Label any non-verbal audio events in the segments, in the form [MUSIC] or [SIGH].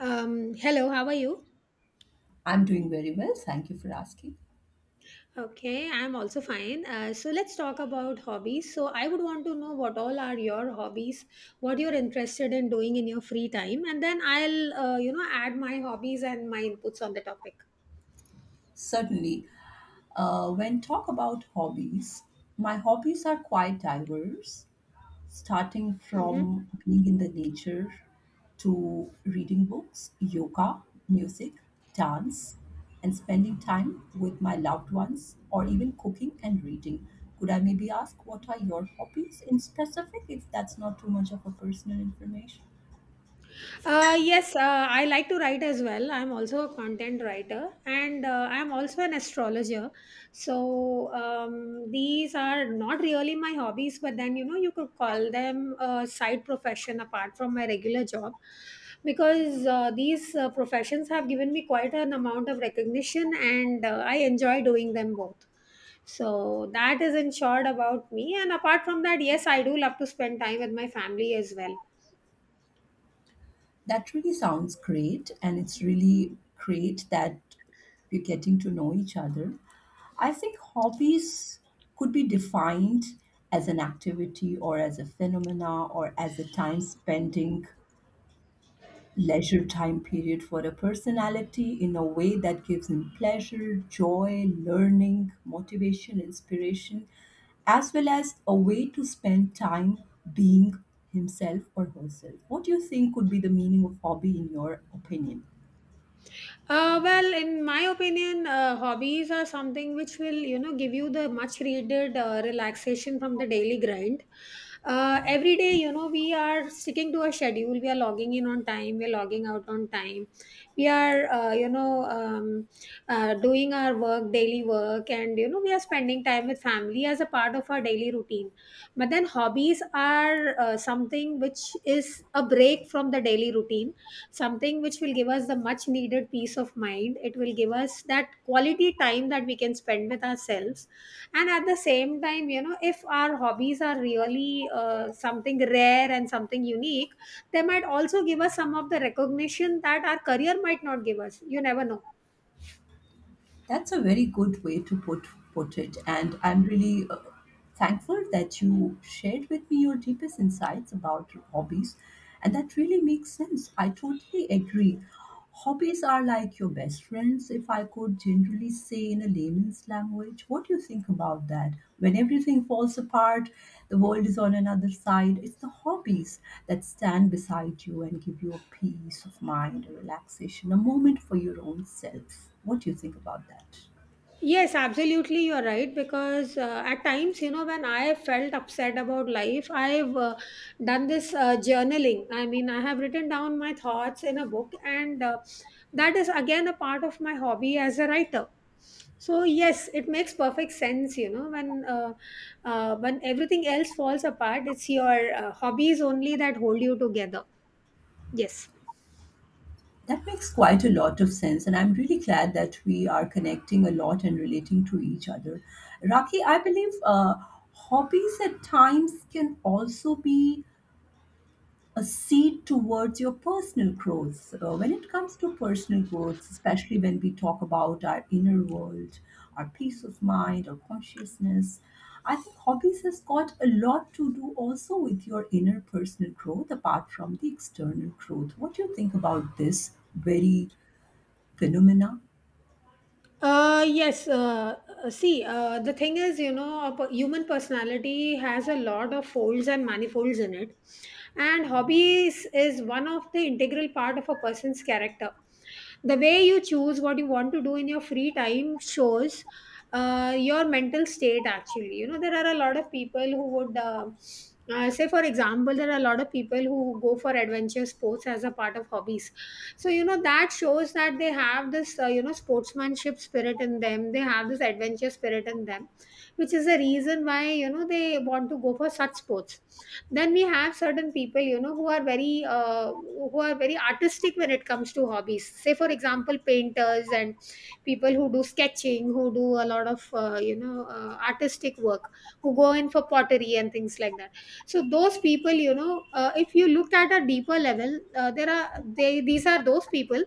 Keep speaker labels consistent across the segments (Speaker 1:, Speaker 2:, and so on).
Speaker 1: Hello, how are you?
Speaker 2: I'm doing very well. Thank you for asking.
Speaker 1: Okay, I'm also fine. So let's talk about hobbies. So I would want to know what all are your hobbies, what you're interested in doing in your free time, and then I'll add my hobbies and my inputs on the topic.
Speaker 2: Certainly, when talk about hobbies, my hobbies are quite diverse, starting
Speaker 1: Mhm.
Speaker 2: from being in the nature to reading books, yoga, music, dance, and spending time with my loved ones, or even cooking and reading. Could I maybe ask what are your hobbies in specific if that's not too much of a personal information?
Speaker 1: Yes, I like to write as well. I'm also a content writer and I'm also an astrologer. So, these are not really my hobbies, but then you could call them a side profession apart from my regular job because these professions have given me quite an amount of recognition and I enjoy doing them both. So, that is in short about me. And apart from that, yes, I do love to spend time with my family as well.
Speaker 2: That really sounds great, and it's really great that we're getting to know each other. I think hobbies could be defined as an activity or as a phenomena or as a time spending leisure time period for a personality in a way that gives him pleasure, joy, learning, motivation, inspiration, as well as a way to spend time being himself or herself. What do you think could be the meaning of hobby in your opinion?
Speaker 1: Well, in my opinion, hobbies are something which will, give you the much needed relaxation from the daily grind. Every day, we are sticking to a schedule. We are logging in on time. We are logging out on time. We are doing our work, daily work, and we are spending time with family as a part of our daily routine. But then, hobbies are something which is a break from the daily routine, something which will give us the much needed peace of mind. It will give us that quality time that we can spend with ourselves. And at the same time, if our hobbies are really something rare and something unique, they might also give us some of the recognition that our career might not give us. You never know.
Speaker 2: That's a very good way to put it, and I'm really thankful that you shared with me your deepest insights about hobbies, and that really makes sense. I totally agree. Hobbies are like your best friends, if I could generally say in a layman's language? What do you think about that? When everything falls apart, the world is on another side, it's the hobbies that stand beside you and give you a peace of mind, a relaxation, a moment for your own self. What do you think about that?
Speaker 1: Yes, absolutely, you're right. Because at times, when I felt upset about life, I've done this journaling. I mean, I have written down my thoughts in a book, and that is again a part of my hobby as a writer. So yes, it makes perfect sense. When everything else falls apart, it's your hobbies only that hold you together. Yes.
Speaker 2: That makes quite a lot of sense, and I'm really glad that we are connecting a lot and relating to each other. Raki, I believe hobbies at times can also be a seed towards your personal growth. When it comes to personal growth, especially when we talk about our inner world, our peace of mind, our consciousness, I think hobbies has got a lot to do also with your inner personal growth apart from the external growth. What do you think about this very phenomena?
Speaker 1: Yes. See, the thing is, a human personality has a lot of folds and manifolds in it, and hobbies is one of the integral part of a person's character. The way you choose what you want to do in your free time shows your mental state, actually. There are a lot of people who would say, for example, there are a lot of people who go for adventure sports as a part of hobbies. So that shows that they have this sportsmanship spirit in them. They have this adventure spirit in them, which is the reason why they want to go for such sports. Then we have certain people, who are very artistic when it comes to hobbies, say for example painters and people who do sketching, who do a lot of artistic work, who go in for pottery and things like that. So those people, if you look at a deeper level, there are they these are those people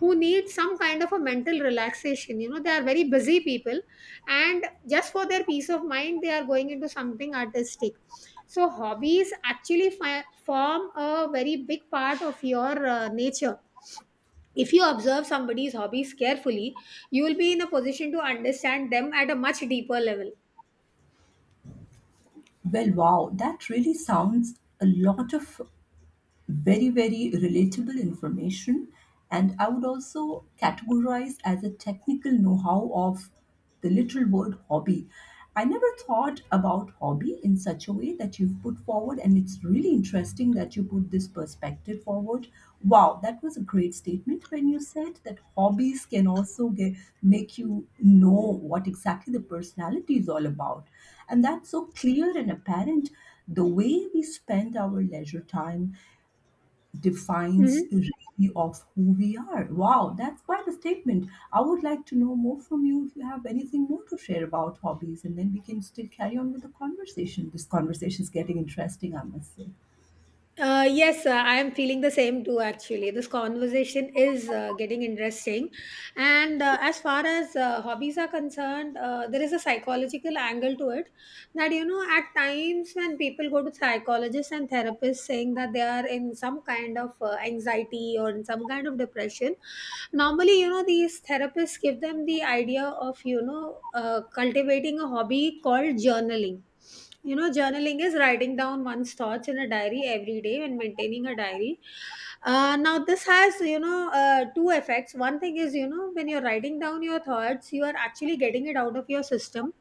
Speaker 1: who need some kind of a mental relaxation. They are very busy people, and just for their peace of mind they are going into something artistic. So hobbies actually form a very big part of your nature. If you observe somebody's hobbies carefully, you will be in a position to understand them at a much deeper level.
Speaker 2: Well, wow, that really sounds a lot of very very relatable information, and I would also categorize as a technical know-how of the literal word hobby. I never thought about hobby in such a way that you've put forward, and it's really interesting that you put this perspective forward. Wow, that was a great statement when you said that hobbies can also get, make you know what exactly the personality is all about, and that's so clear and apparent. The way we spend our leisure time defines
Speaker 1: Hmm.
Speaker 2: really of who we are. Wow, that's quite a statement. I would like to know more from you if you have anything more to share about hobbies, and then we can still carry on with the conversation. This conversation is getting interesting, I must say.
Speaker 1: Yes, I am feeling the same too, actually. This conversation is getting interesting. And as far as hobbies are concerned, there is a psychological angle to it that, at times when people go to psychologists and therapists saying that they are in some kind of anxiety or in some kind of depression, normally these therapists give them the idea of cultivating a hobby called journaling. Journaling is writing down one's thoughts in a diary every day and maintaining a diary. Now this has, two effects. One thing is, when you're writing down your thoughts, you are actually getting it out of your system,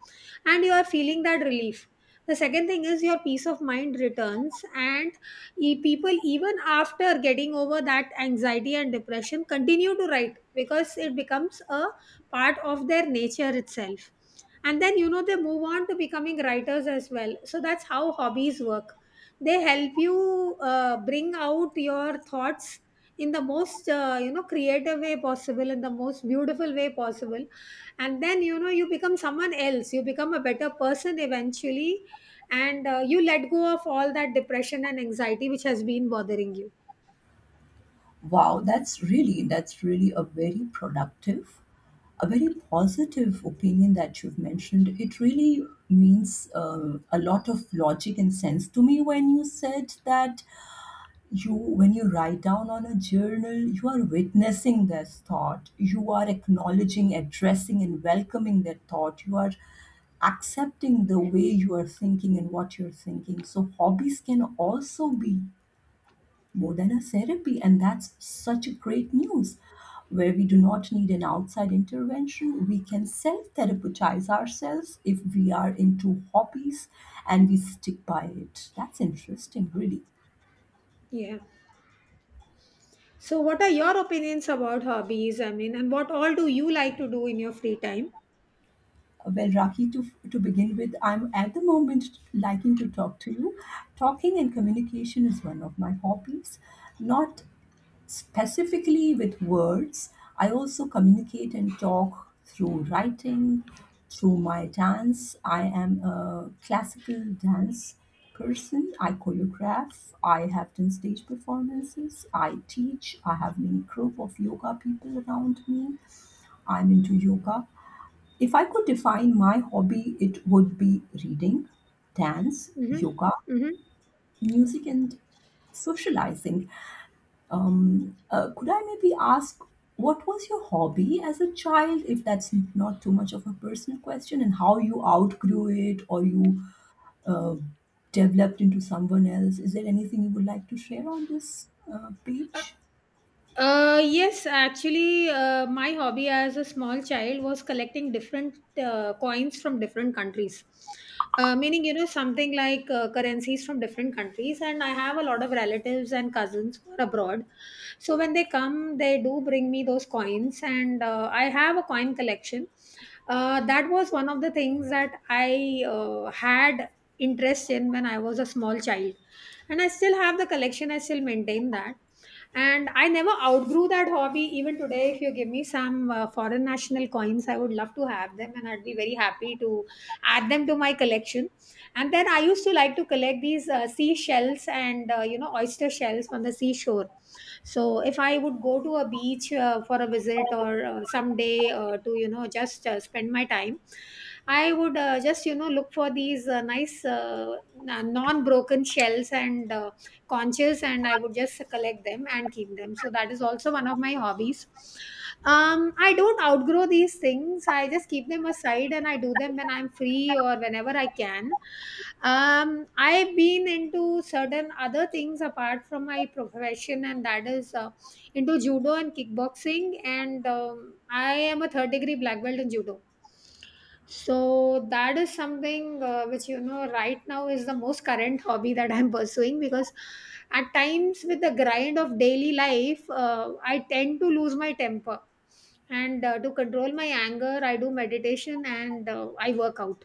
Speaker 1: and you are feeling that relief. The second thing is your peace of mind returns, and people, even after getting over that anxiety and depression, continue to write because it becomes a part of their nature itself. And then they move on to becoming writers as well, so that's how hobbies work. They help you bring out your thoughts in the most creative way possible, in the most beautiful way possible. And then you become someone else, you become a better person eventually, and you let go of all that depression and anxiety which has been bothering you.
Speaker 2: Wow, that's really a very productive, a very positive opinion that you've mentioned. It really means a lot of logic and sense to me when you said that you when you write down on a journal, you are witnessing this thought, you are acknowledging, addressing, and welcoming that thought, you are accepting the way you are thinking and what you're thinking. So hobbies can also be more than a therapy, and that's such a great news where we do not need an outside intervention. We can self-therapeutize ourselves if we are into hobbies and we stick by it. That's interesting, really.
Speaker 1: Yeah. So what are your opinions about hobbies? I mean, and what all do you like to do in your free time?
Speaker 2: Well, Raki, to begin with, I'm at the moment liking to talk to you. Talking and communication is one of my hobbies, not specifically with words. I also communicate and talk through writing, through my dance. I am a classical dance person. I choreograph. I have done stage performances. I teach. I have many group of yoga people around me. I'm into yoga. If I could define my hobby, it would be reading, dance,
Speaker 1: Mm-hmm.
Speaker 2: yoga,
Speaker 1: Mm-hmm.
Speaker 2: music, and socializing. Could I maybe ask what was your hobby as a child, if that's not too much of a personal question, and how you outgrew it or you uh, developed into someone else? Is there anything you would like to share on this page?
Speaker 1: Yes, actually, my hobby as a small child was collecting different coins from different countries. Meaning, something like currencies from different countries. And I have a lot of relatives and cousins who are abroad. So when they come, they do bring me those coins. And I have a coin collection. That was one of the things that I had interest in when I was a small child. And I still have the collection, I still maintain that. And I never outgrew that hobby. Even today, if you give me some foreign national coins, I would love to have them and I'd be very happy to add them to my collection. And then I used to like to collect these seashells and oyster shells on the seashore. So if I would go to a beach for a visit or someday to, just spend my time, I would just, look for these nice, non broken shells, and Conscious, and I would just collect them and keep them, so that is also one of my hobbies. I don't outgrow these things, I just keep them aside and I do them when I'm free or whenever I can. um I've been into certain other things apart from my profession, and that is into judo and kickboxing. And I am a third degree black belt in judo. So that is something which, right now is the most current hobby that I'm [LAUGHS] pursuing because at times with the grind of daily life, I tend to lose my temper. And to control my anger, I do meditation and I work out.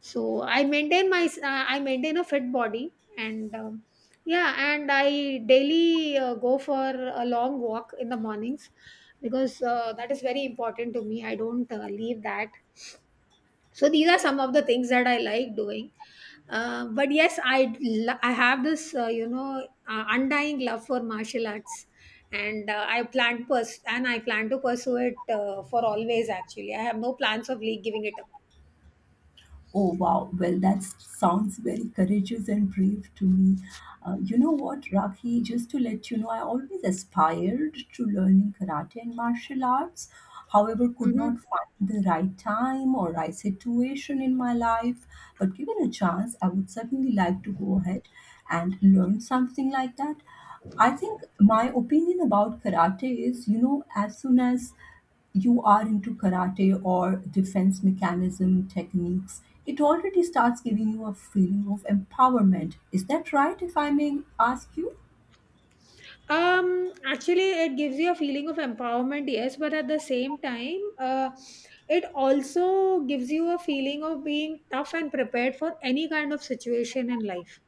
Speaker 1: So I maintain a fit body, and yeah, and I daily go for a long walk in the mornings because that is very important to me. I don't leave that, so these are some of the things that I like doing. But yes, I have this undying love for martial arts, and I plan to pursue it for always. Actually, I have no plans of like giving it up.
Speaker 2: Oh wow, well, that sounds very courageous and brave to me. You know what, Rakhi, just to let you know, I always aspired to learning karate and martial arts. However, could
Speaker 1: Mhm.
Speaker 2: not find the right time or right situation in my life. But given a chance, I would certainly like to go ahead and learn something like that. I think my opinion about karate is, you know, as soon as you are into karate or defense mechanism techniques, it already starts giving you a feeling of empowerment. Is that right, if I may ask you?
Speaker 1: Actually, it gives you a feeling of empowerment, yes, but at the same time it also gives you a feeling of being tough and prepared for any kind of situation in life.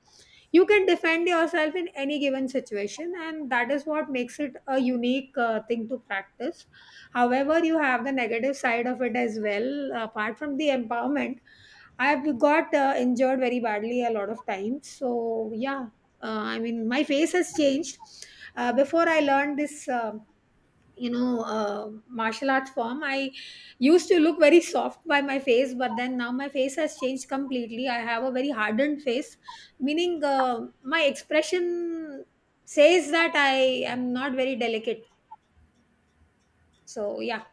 Speaker 1: You can defend yourself in any given situation, and that is what makes it a unique thing to practice. However, you have the negative side of it as well, apart from the empowerment. I've got injured very badly a lot of times. So yeah, I mean, my face has changed. Before I learned this martial arts form, I used to look very soft by my face, but then now my face has changed completely. I have a very hardened face, meaning my expression says that I am not very delicate. So yeah,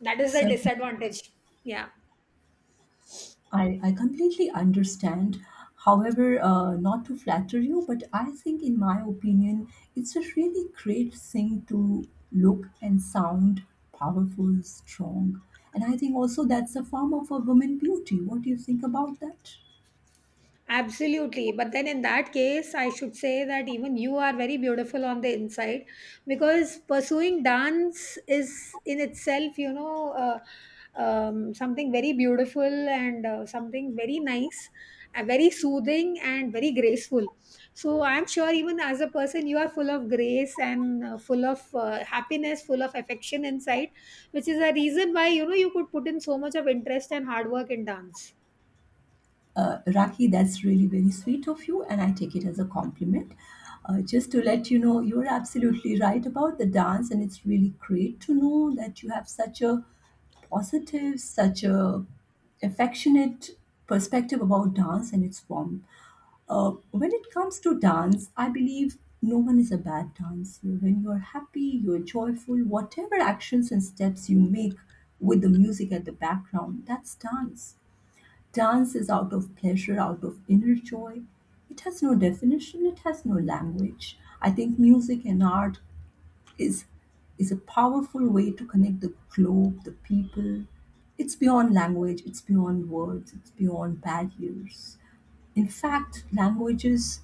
Speaker 1: that is the
Speaker 2: Sir.
Speaker 1: disadvantage. Yeah.
Speaker 2: I completely understand. However, not to flatter you, but I think, in my opinion, it's a really great thing to look and sound powerful, strong. And I think also that's a form of a woman beauty. What do you think about that?
Speaker 1: Absolutely. But then in that case, I should say that even you are very beautiful on the inside, because pursuing dance is in itself, something very beautiful and something very nice, very soothing and very graceful. So I'm sure even as a person, you are full of grace and full of happiness, full of affection inside, which is a reason why, you could put in so much of interest and hard work in dance.
Speaker 2: Raki, that's really very sweet of you, and I take it as a compliment. Just to let you know, you're absolutely right about the dance, and it's really great to know that you have such a positive, such a affectionate perspective about dance and its form. When it comes to dance, I believe no one is a bad dancer. When you're happy, you're joyful, whatever actions and steps you make with the music at the background, that's dance. Dance is out of pleasure, out of inner joy. It has no definition, it has no language. I think music and art is is a powerful way to connect the globe, the people. It's beyond language, it's beyond words, it's beyond barriers. In fact, languages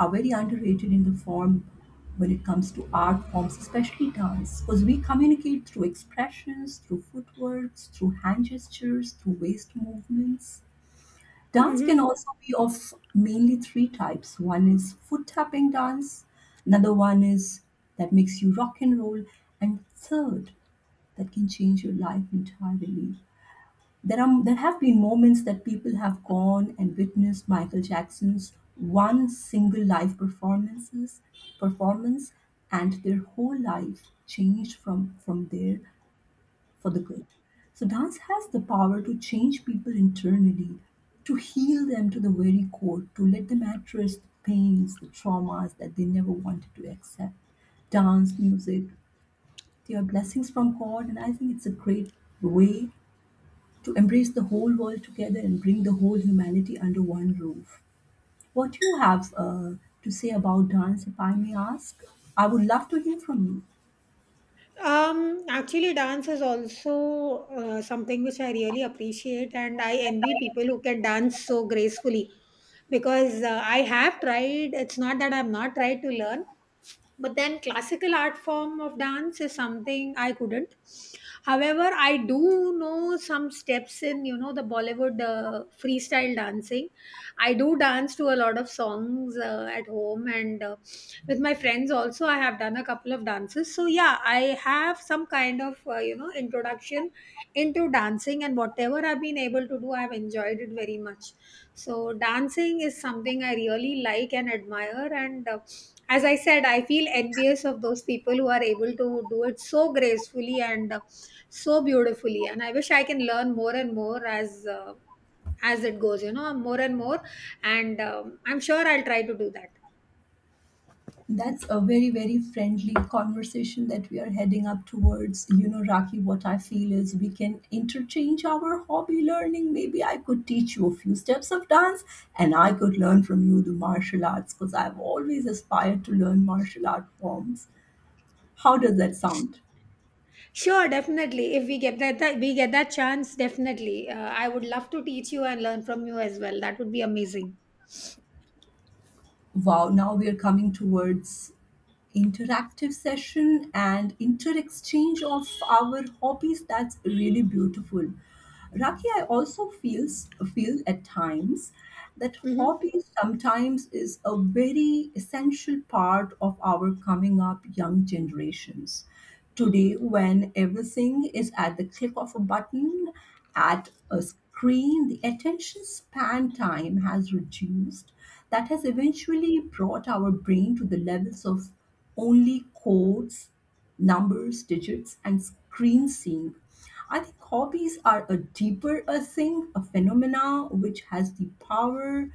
Speaker 2: are very underrated in the form when it comes to art forms, especially dance, because we communicate through expressions, through footworks, through hand gestures, through waist movements. Dance can
Speaker 1: Mm-hmm.
Speaker 2: also be of mainly three types. One is foot tapping dance, another one is that makes you rock and roll, and third that can change your life entirely. There have been moments that people have gone and witnessed Michael Jackson's one single live performance, and their whole life changed from there for the good. So, dance has the power to change people internally, to heal them to the very core, to let them address the pains, the traumas that they never wanted to accept. Dance, music, they are blessings from God, and I think it's a great way to embrace the whole world together and bring the whole humanity under one roof. What do you have to say about dance, if I may ask? I would love to hear from you.
Speaker 1: Actually, dance is also something which I really appreciate, and I envy people who can dance so gracefully because I have tried. It's not that I've not tried to learn, but then classical art form of dance is something I couldn't. However, I do know some steps in the Bollywood freestyle dancing. I do dance to a lot of songs at home and. With my friends also I have done a couple of dances, so yeah, I have some kind of introduction into dancing, and whatever I've been able to do, I've enjoyed it very much. So dancing is something I really like and admire, and as I said, I feel envious of those people who are able to do it so gracefully and so beautifully, and I wish I can learn more and more as it goes, more and more. And I'm sure I'll try to do that.
Speaker 2: That's a very, very friendly conversation that we are heading up towards. You know, Raki, what I feel is we can interchange our hobby learning. Maybe I could teach you a few steps of dance, and I could learn from you the martial arts because I've always aspired to learn martial art forms. How does that sound?
Speaker 1: Sure, definitely. If we get that chance, definitely. I would love to teach you and learn from you as well. That would be amazing.
Speaker 2: Wow, now we are coming towards interactive session and inter-exchange of our hobbies. That's really beautiful. Raki, I also feel at times that
Speaker 1: Hmm.
Speaker 2: hobbies sometimes is a very essential part of our coming up young generations. Today, when everything is at the click of a button, at a screen, the attention span time has reduced. That has eventually brought our brain to the levels of only codes, numbers, digits, and screen seeing. I think hobbies are a deeper a thing, a phenomena which has the power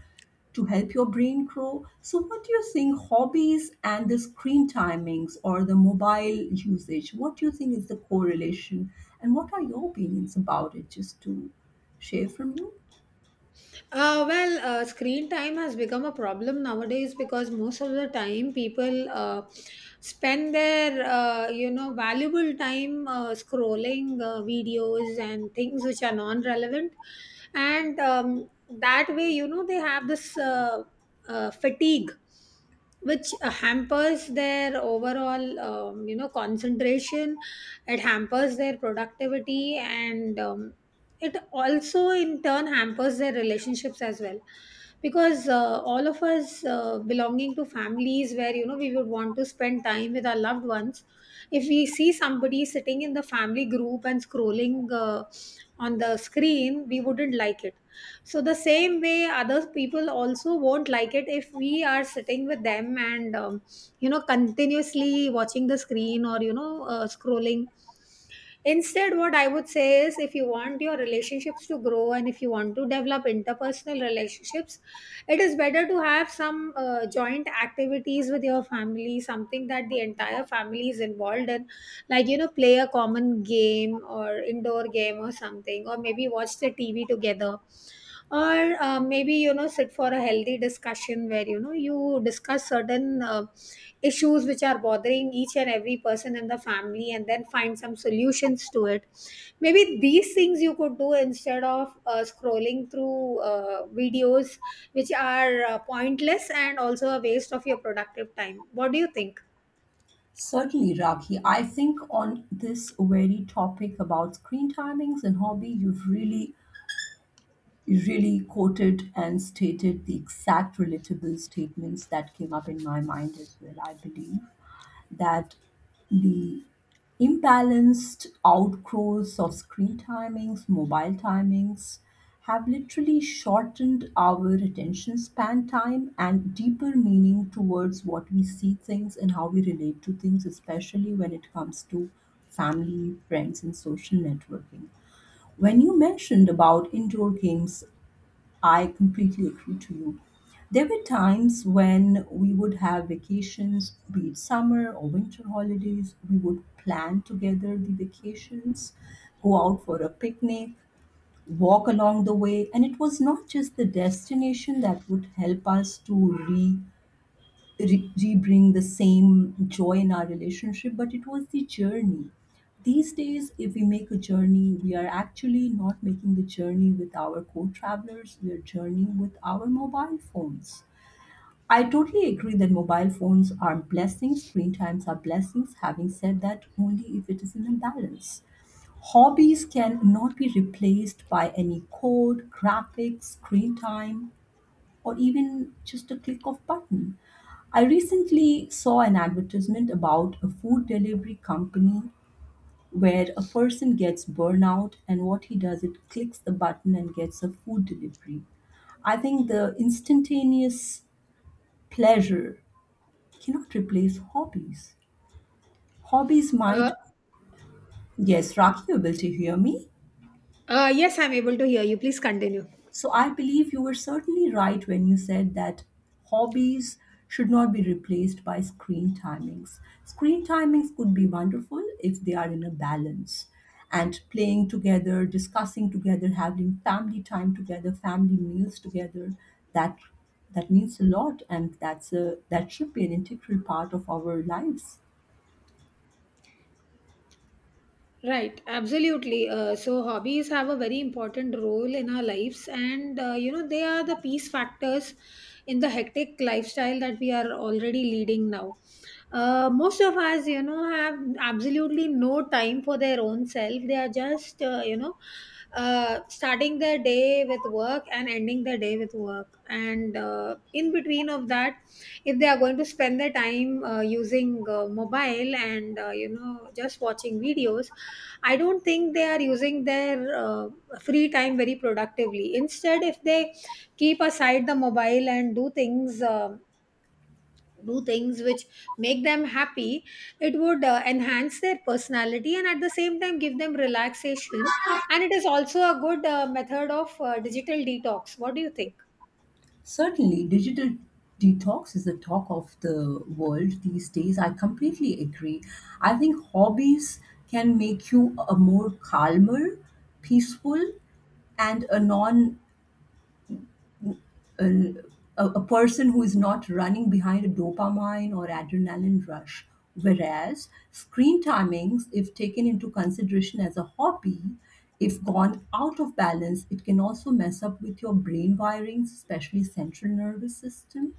Speaker 2: to help your brain grow. So, what do you think hobbies and the screen timings or the mobile usage, what do you think is the correlation? And what are your opinions about it, just to share from you?
Speaker 1: Well, screen time has become a problem nowadays, because most of the time people spend their valuable time scrolling videos and things which are non-relevant, and that way, they have this fatigue which hampers their overall concentration. It hampers their productivity, and it also in turn hampers their relationships as well, because all of us belonging to families where, we would want to spend time with our loved ones. If we see somebody sitting in the family group and scrolling on the screen, we wouldn't like it. So the same way, other people also won't like it if we are sitting with them and continuously watching the screen, or scrolling. Instead, what I would say is, if you want your relationships to grow and if you want to develop interpersonal relationships, it is better to have some joint activities with your family, something that the entire family is involved in, like, you know, play a common game or indoor game or something, or maybe watch the TV together, or maybe, sit for a healthy discussion where, you discuss certain issues which are bothering each and every person in the family, and then find some solutions to it. Maybe these things you could do instead of scrolling through videos which are pointless and also a waste of your productive time. What do you think?
Speaker 2: Certainly, Rakhi. I think on this very topic about screen timings and hobby, you've really, you really quoted and stated the exact relatable statements that came up in my mind as well, I believe. That the imbalanced outgrowths of screen timings, mobile timings have literally shortened our attention span time and deeper meaning towards what we see things and how we relate to things, especially when it comes to family, friends, and social networking. When you mentioned about indoor games, I completely agree to you. There were times when we would have vacations, be it summer or winter holidays. We would plan together the vacations, go out for a picnic, walk along the way. And it was not just the destination that would help us to re-bring the same joy in our relationship, but it was the journey. These days if we make a journey, we are actually not making the journey with our co-travelers, we are journeying with our mobile phones. I totally agree that mobile phones are blessings, screen times are blessings, having said that only if it is in a balance. Hobbies cannot be replaced by any code graphics screen time or even just a click of button. I recently saw an advertisement about a food delivery company where a person gets burnout and what he does it clicks the button and gets a food delivery. I think the instantaneous pleasure cannot replace hobbies. Hobbies
Speaker 1: uh,
Speaker 2: might... Yes, Rocky, able to hear me?
Speaker 1: yes, I'm able to hear you. Please continue.
Speaker 2: So I believe you were certainly right when you said that hobbies should not be replaced by screen timings. Screen timings could be wonderful if they are in a balance and playing together, discussing together, having family time together, family meals together, that that means a lot, and that's a, that should be an integral part of our lives.
Speaker 1: Right, absolutely. So hobbies have a very important role in our lives, and they are the peace factors in the hectic lifestyle that we are already leading now. Most of us, you know, have absolutely no time for their own self. They are just, starting their day with work and ending their day with work, and in between of that, if they are going to spend their time using mobile and just watching videos, I don't think they are using their free time very productively. Instead, if they keep aside the mobile and do things which make them happy, it would enhance their personality and at the same time give them relaxation. And it is also a good method of digital detox. What do you think?
Speaker 2: Certainly, digital detox is the talk of the world these days. I completely agree. I think hobbies can make you a more calmer, peaceful, and a non, a, a person who is not running behind a dopamine or adrenaline rush. Whereas screen timings, if taken into consideration as a hobby, if gone out of balance, it can also mess up with your brain wirings, especially central nervous system.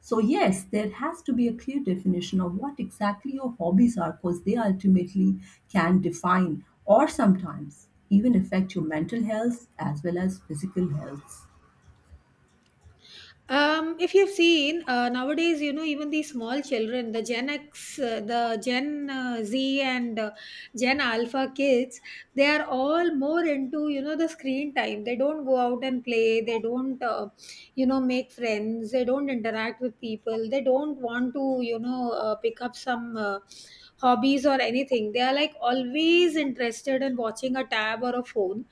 Speaker 2: So, yes, there has to be a clear definition of what exactly your hobbies are, because they ultimately can define or sometimes even affect your mental health as well as physical health.
Speaker 1: If you've seen nowadays, you know, even these small children, the Gen X, the Gen Z, and Gen Alpha kids, they are all more into, you know, the screen time. They don't go out and play. They don't, you know, make friends. They don't interact with people. They don't want to, you know, pick up some hobbies or anything. They are like always interested in watching a tab or a phone,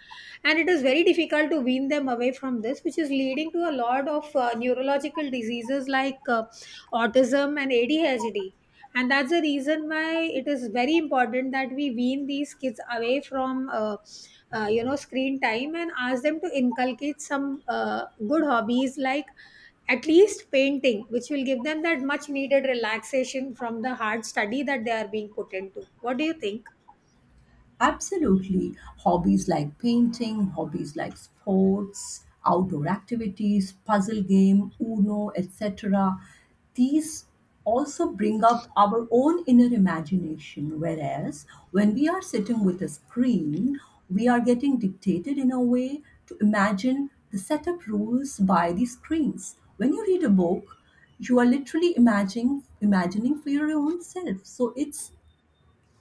Speaker 1: and it is very difficult to wean them away from this, which is leading to a lot of neurological diseases like autism and ADHD. And that's the reason why it is very important that we wean these kids away from screen time and ask them to inculcate some good hobbies like at least painting, which will give them that much needed relaxation from the hard study that they are being put into. What do you think?
Speaker 2: Absolutely. Hobbies like painting, hobbies like sports, outdoor activities, puzzle game, Uno, etc. These also bring up our own inner imagination. Whereas when we are sitting with a screen, we are getting dictated in a way to imagine the setup rules by the screens. When you read a book, you are literally imagining for your own self, so it's,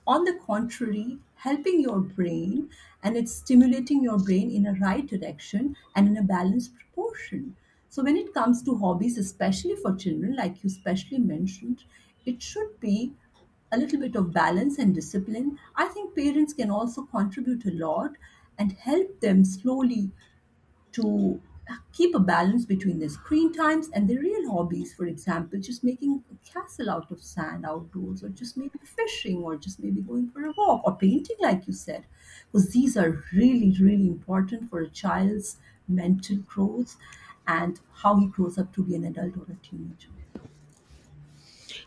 Speaker 2: on the contrary, helping your brain, and it's stimulating your brain in a right direction and in a balanced proportion. So, when it comes to hobbies, especially for children, like you specially mentioned, it should be a little bit of balance and discipline. I think parents can also contribute a lot and help them slowly to keep a balance between their screen times and their real hobbies. For example, just making a castle out of sand outdoors, or just maybe fishing, or just maybe going for a walk, or painting, like you said, because these are really, really important for a child's mental growth and how he grows up to be an adult or a teenager.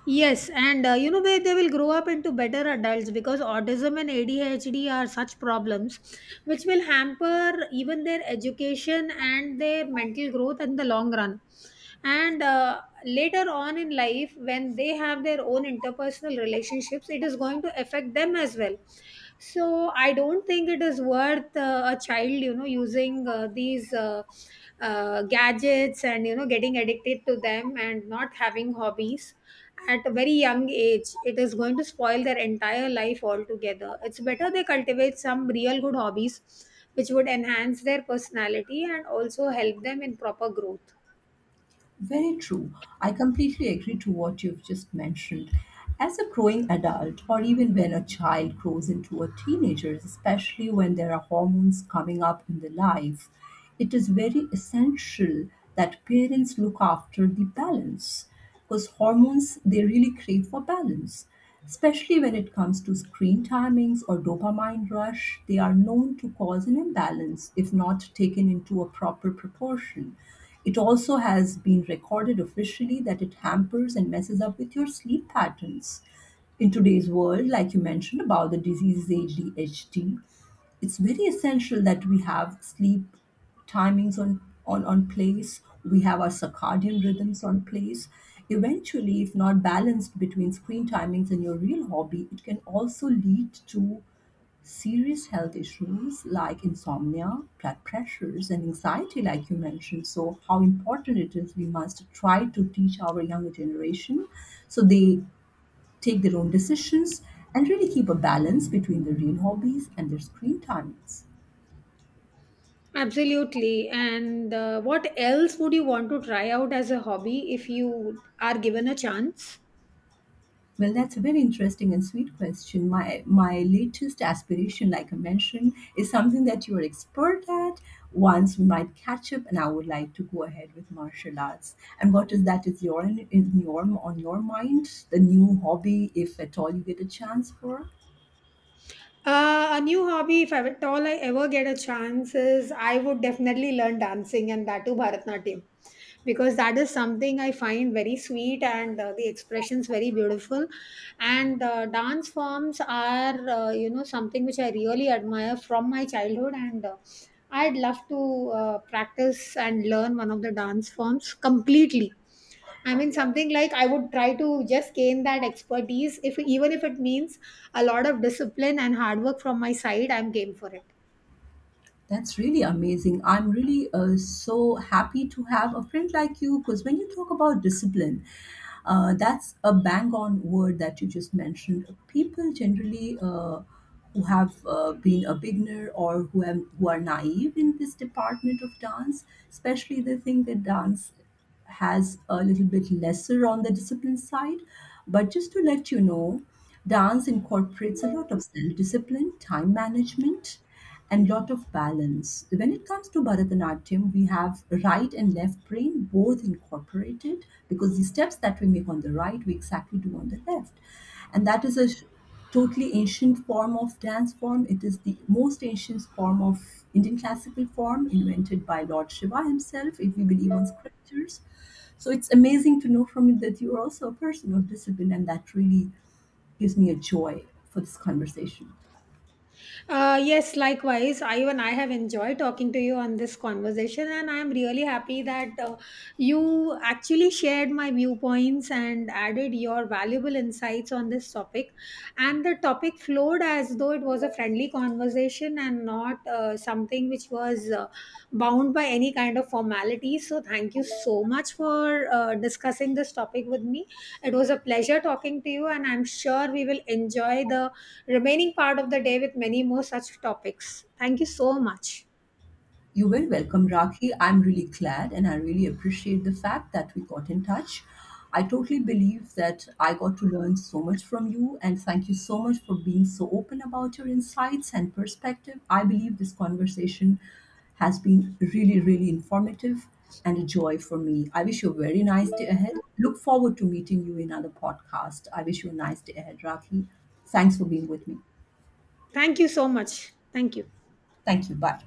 Speaker 1: Yes, and where they will grow up into better adults, because autism and ADHD are such problems which will hamper even their education and their mental growth in the long run. And later on in life, when they have their own interpersonal relationships, it is going to affect them as well. So I don't think it is worth a child, you know, using these gadgets and getting addicted to them and not having hobbies at a very young age. It is going to spoil their entire life altogether. It's better they cultivate some real good hobbies which would enhance their personality and also help them in proper growth.
Speaker 2: Very true. I completely agree to what you've just mentioned. As a growing adult, or even when a child grows into a teenager, especially when there are hormones coming up in the life, it is very essential that parents look after the balance, because hormones they really crave for balance. Especially when it comes to screen timings or dopamine rush, they are known to cause an imbalance if not taken into a proper proportion. It also has been recorded officially that it hampers and messes up with your sleep patterns. In today's world, like you mentioned about the disease ADHD, it's very essential that we have sleep timings on, on place. We have our circadian rhythms on place. Eventually, if not balanced between screen timings and your real hobby, it can also lead to serious health issues like insomnia, blood pressures, and anxiety, like you mentioned. So, how important it is, we must try to teach our younger generation so they take their own decisions and really keep a balance between their real hobbies and their screen timings.
Speaker 1: Absolutely. And what else would you want to try out as a hobby if you are given a chance?
Speaker 2: Well, that's a very interesting and sweet question. My latest aspiration, like I mentioned, is something that you are expert at. Once we might catch up, and I would like to go ahead with martial arts. And what is that is your, in your, on your mind? The new hobby, if at all you get a chance for.
Speaker 1: A new hobby, if I, at all I ever get a chance, is I would definitely learn dancing, and that too Bharatnatyam, because that is something I find very sweet, and the expressions very beautiful. And dance forms are, you know, something which I really admire from my childhood, and I'd love to practice and learn one of the dance forms completely. I mean, something like I would try to just gain that expertise, if even if it means a lot of discipline and hard work from my side, I'm game for it.
Speaker 2: That's really amazing. I'm really so happy to have a friend like you, because when you talk about discipline, that's a bang on word that you just mentioned. People generally. Who have been a beginner, or who, have, who are naive in this department of dance, especially they think that dance has a little bit lesser on the discipline side. But just to let you know, dance incorporates a lot of self-discipline, time management, and lot of balance. When it comes to Bharatanatyam, we have right and left brain both incorporated, because the steps that we make on the right, we exactly do on the left. And that is a totally ancient form of dance form. It is the most ancient form of Indian classical form, invented by Lord Shiva himself, if we believe on scriptures. So it's amazing to know from you that you are also a person of discipline, and that really gives me a joy for this conversation.
Speaker 1: Yes, likewise. I have enjoyed talking to you on this conversation, and I'm really happy that you actually shared my viewpoints and added your valuable insights on this topic. And the topic flowed as though it was a friendly conversation and not something which was bound by any kind of formality. So, thank you so much for discussing this topic with me. It was a pleasure talking to you, and I'm sure we will enjoy the remaining part of the day with many more such topics. Thank you so much.
Speaker 2: You're very welcome, Rakhi. I'm really glad and I really appreciate the fact that we got in touch. I totally believe that I got to learn so much from you, and thank you so much for being so open about your insights and perspective. I believe this conversation has been really, really informative and a joy for me. I wish you a very nice day ahead. Look forward to meeting you in another podcast. I wish you a nice day ahead, Rakhi. Thanks for being with me.
Speaker 1: Thank you so much. Thank you.
Speaker 2: Thank you. Bye.